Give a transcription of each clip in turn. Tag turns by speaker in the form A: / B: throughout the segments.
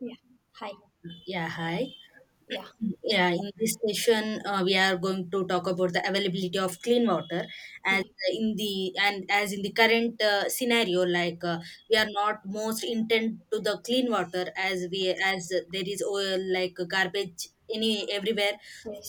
A: Yeah. Hi.
B: Yeah, hi.
A: Yeah.
B: Yeah, in this session, we are going to talk about the availability of clean water as
A: Yeah.
B: as in the current scenario, like we are not most intent to the clean water as there is oil, like garbage any everywhere.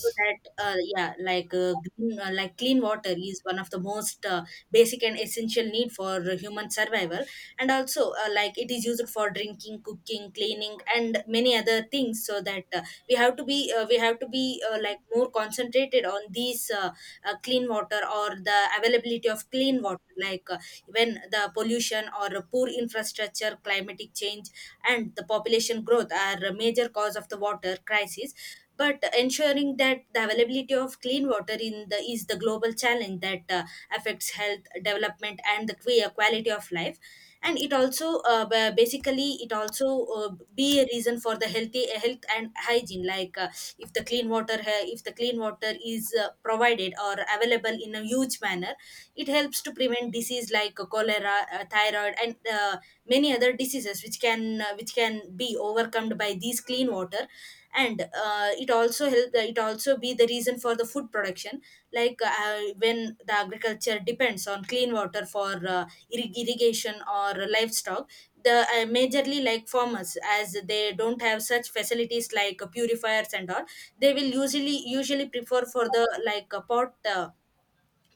B: So that, yeah, like clean water is one of the most basic and essential need for human survival, and also, like, it is used for drinking, cooking, cleaning, and many other things. So that, we have to be, like, more concentrated on these, clean water, or the availability of clean water, like, when the pollution or poor infrastructure, climatic change, and the population growth are a major cause of the water crisis. But ensuring that the availability of clean water in the is the global challenge that affects health, development, and the quality of life, and it also, basically, it also, be a reason for the health and hygiene. Like, if the clean water ha- if the clean water is provided or available in a huge manner, it helps to prevent disease like cholera, thyroid, and many other diseases, which can be overcome by these clean water. And it also help, it also be the reason for the food production, like when the agriculture depends on clean water for irrigation or livestock. The, majorly, like farmers, as they don't have such facilities like purifiers and all, they will usually prefer for the, like,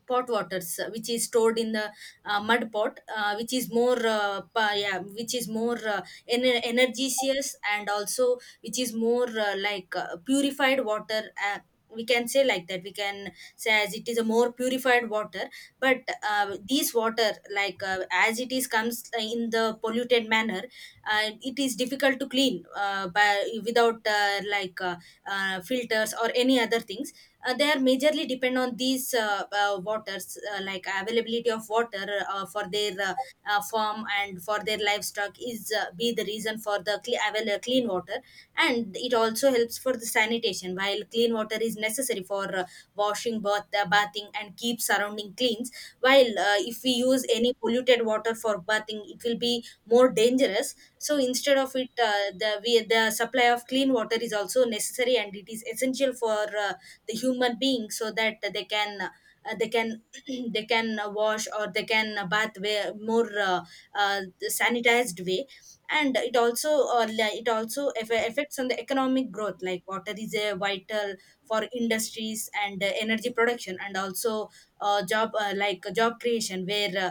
B: pot waters, which is stored in the, mud pot, which is more, yeah, which is more, energious, and also which is more, like, purified water. uh, we can say, like, that we can say, as it is a more purified water. But, these water, like, as it is comes in the polluted manner, it is difficult to clean, by without, like, filters or any other things. They are majorly depend on these, waters, like availability of water, for their, farm and for their livestock is, be the reason for the clean water. And it also helps for the sanitation, while clean water is necessary for, washing, bathing, and keep surrounding cleans. While, if we use any polluted water for bathing, it will be more dangerous, so instead of it, the supply of clean water is also necessary, and it is essential for, the human being, so that they can, they can they can, wash, or they can, bath way, more, sanitized way. And it also, it also affects on the economic growth, like water is a vital for industries, and energy production, and also, job like job creation, where,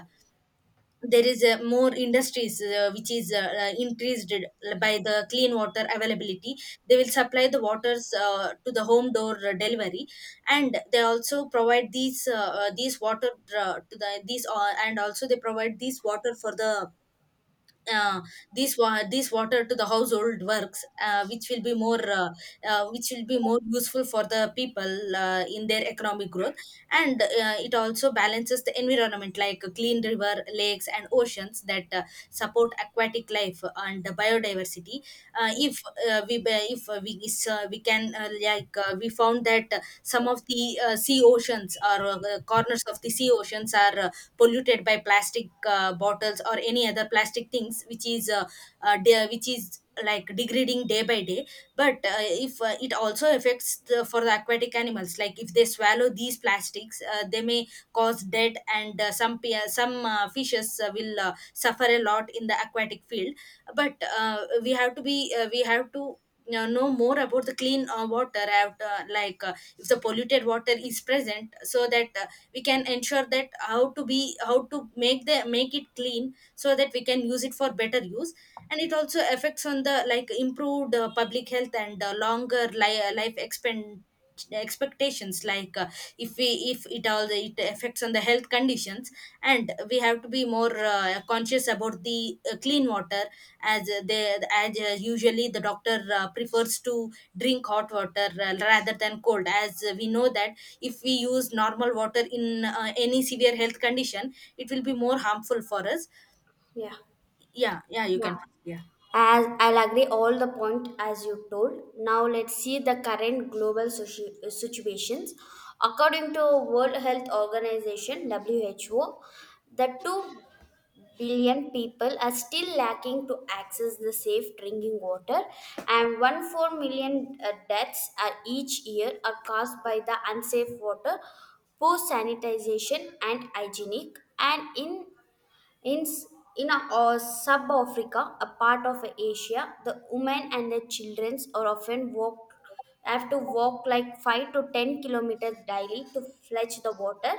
B: there is, more industries, which is, increased by the clean water availability. They will supply the waters, to the home door, delivery, and they also provide these, these water, to the these and also they provide these water for the, uh, this water to the household works, which will be more, which will be more useful for the people, in their economic growth. And it also balances the environment, like clean river, lakes, and oceans that support aquatic life and the biodiversity. Uh, if we ba- if we is, we can Like, we found that, some of the, sea oceans, or, corners of the sea oceans, are, polluted by plastic, bottles, or any other plastic things, which is, which is like degrading day by day. But, if it also affects the, for the aquatic animals, like if they swallow these plastics, they may cause death. And, some, fishes, will, suffer a lot in the aquatic field. But, we have to, know more about the clean, water out, like, if the polluted water is present, so that, we can ensure that how to be, how to make the, make it clean, so that we can use it for better use. And it also affects on the, like, improved, public health, and life expend expectations. Like, if we, if it all, it affects on the health conditions, and we have to be more, conscious about the, clean water. As, they as usually, the doctor, prefers to drink hot water, rather than cold, as, we know that if we use normal water in, any severe health condition, it will be more harmful for us.
A: Yeah.
B: Yeah, yeah, you
A: Yeah.
B: can. Yeah,
A: As I'll agree all the point as you told. Now let's see the current global situations. According to World Health Organization (WHO), the 2 billion people are still lacking to access the safe drinking water, and one four million deaths are each year are caused by the unsafe water, poor sanitization and hygienic, and in, s- in sub Africa, a part of Asia, the women and their children are often walk, have to walk like 5 to 10 kilometers daily to fetch the water,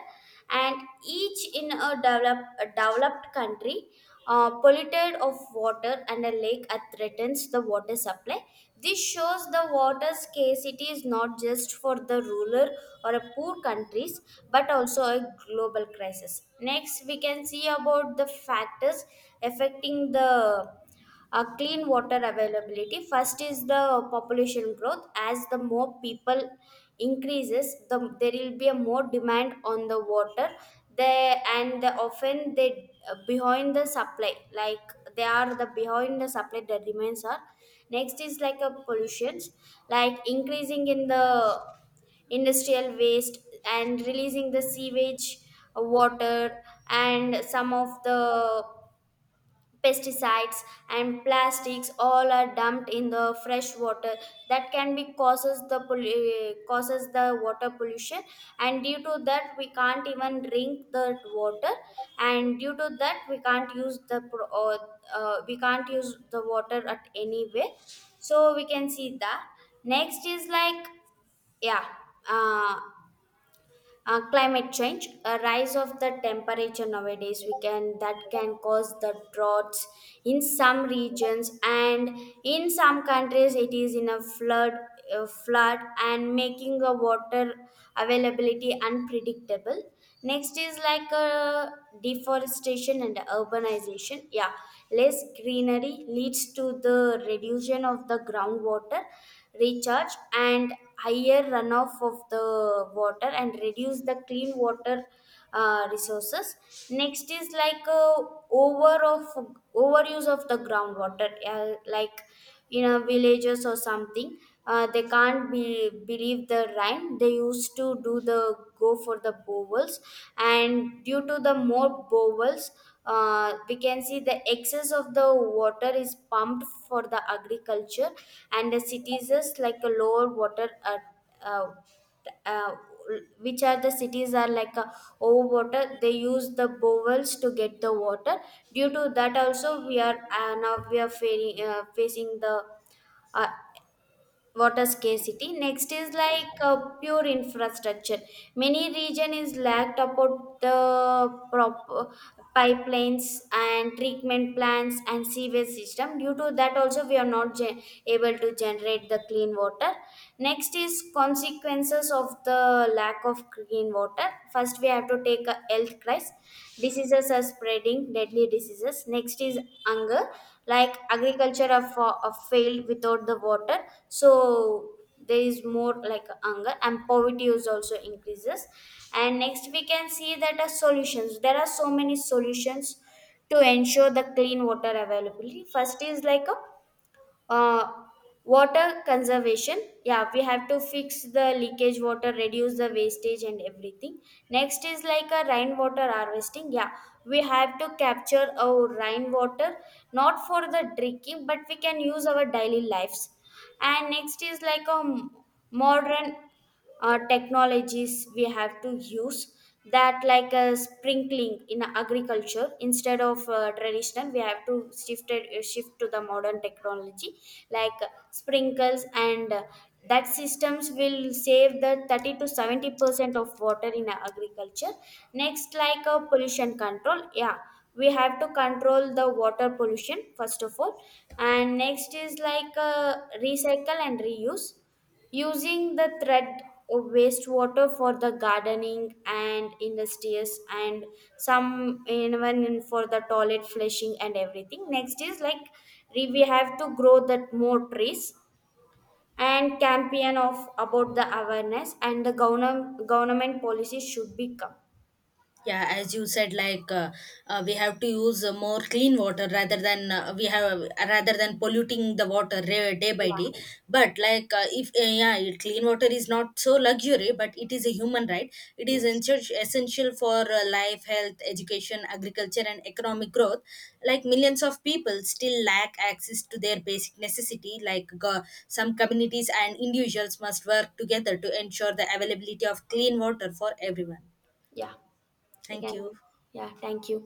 A: and each in a developed country polluted of water and a lake that threatens the water supply. This shows the water scarcity is not just for the rural or a poor countries but also a global crisis. Next we can see about the factors affecting the clean water availability. First is the population growth, as the more people increases the there will be a more demand on the water. They and the, often they behind the supply, like they are the behind the supply the demands are. Next is like a pollutions, like increasing in the industrial waste and releasing the sewage water, and some of the pesticides and plastics all are dumped in the fresh water that can be causes the causes the water pollution. And due to that we can't even drink the water, and due to that we can't use the we can't use the water at any way. So we can see that. Next is like yeah, uh, climate change, a rise of the temperature nowadays we can that can cause the droughts in some regions, and in some countries it is in a flood, flood and making a water availability unpredictable. Next is like a deforestation and urbanization. Yeah, less greenery leads to the reduction of the groundwater recharge, and higher runoff of the water and reduce the clean water resources. Next is like over of overuse of the groundwater, like in a villages or something. They can't be, believe the rhyme, they used to do the go for the bowels, and due to the more bowels we can see the excess of the water is pumped for the agriculture. And the cities is like a lower water at uh, uh, which are the cities are like a overwater, they use the bowels to get the water. Due to that also we are now we are facing the uh, water scarcity. Next is like pure infrastructure. Many region is lacked about the pipelines and treatment plants and sewage system, due to that also we are not able to generate the clean water. Next is consequences of the lack of clean water. First we have to take a health crisis. Diseases are spreading, deadly diseases. Next is hunger, like agriculture are, are failed without the water, so there is more like hunger, and poverty is also increases. And next we can see that are solutions. There are so many solutions to ensure the clean water availability. First is like a uh, water conservation. Yeah, we have to fix the leakage water, reduce the wastage and everything. Next is like a rainwater harvesting. Yeah, we have to capture our rainwater, not for the drinking but we can use our daily lives. And next is like a modern technologies we have to use. That like sprinkling in agriculture instead of traditional, we have to shift it, shift to the modern technology like sprinkles and that systems will save the 30 to 70% of water in agriculture. Next like a pollution control. Yeah, we have to control the water pollution first of all. And next is like recycle and reuse, using the threat of wastewater for the gardening and industries, and some even in for the toilet flushing and everything. Next is like we have to grow that more trees and campaign of about the awareness, and the government policy should become.
B: yeah, as you said, like, we have to use, more clean water rather than, we have rather than polluting the water day by day.
A: Yeah.
B: But, like, if yeah, clean water is not so luxury, but it is a human right. It is
A: Yes.
B: essential for, life, health, education, agriculture, and economic growth. Like, millions of people still lack access to their basic necessity, like some communities and individuals must work together to ensure the availability of clean water for everyone.
A: Yeah, we
B: Thank
A: can.
B: you.
A: Yeah, thank you.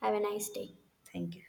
A: Have a nice day.
B: Thank you.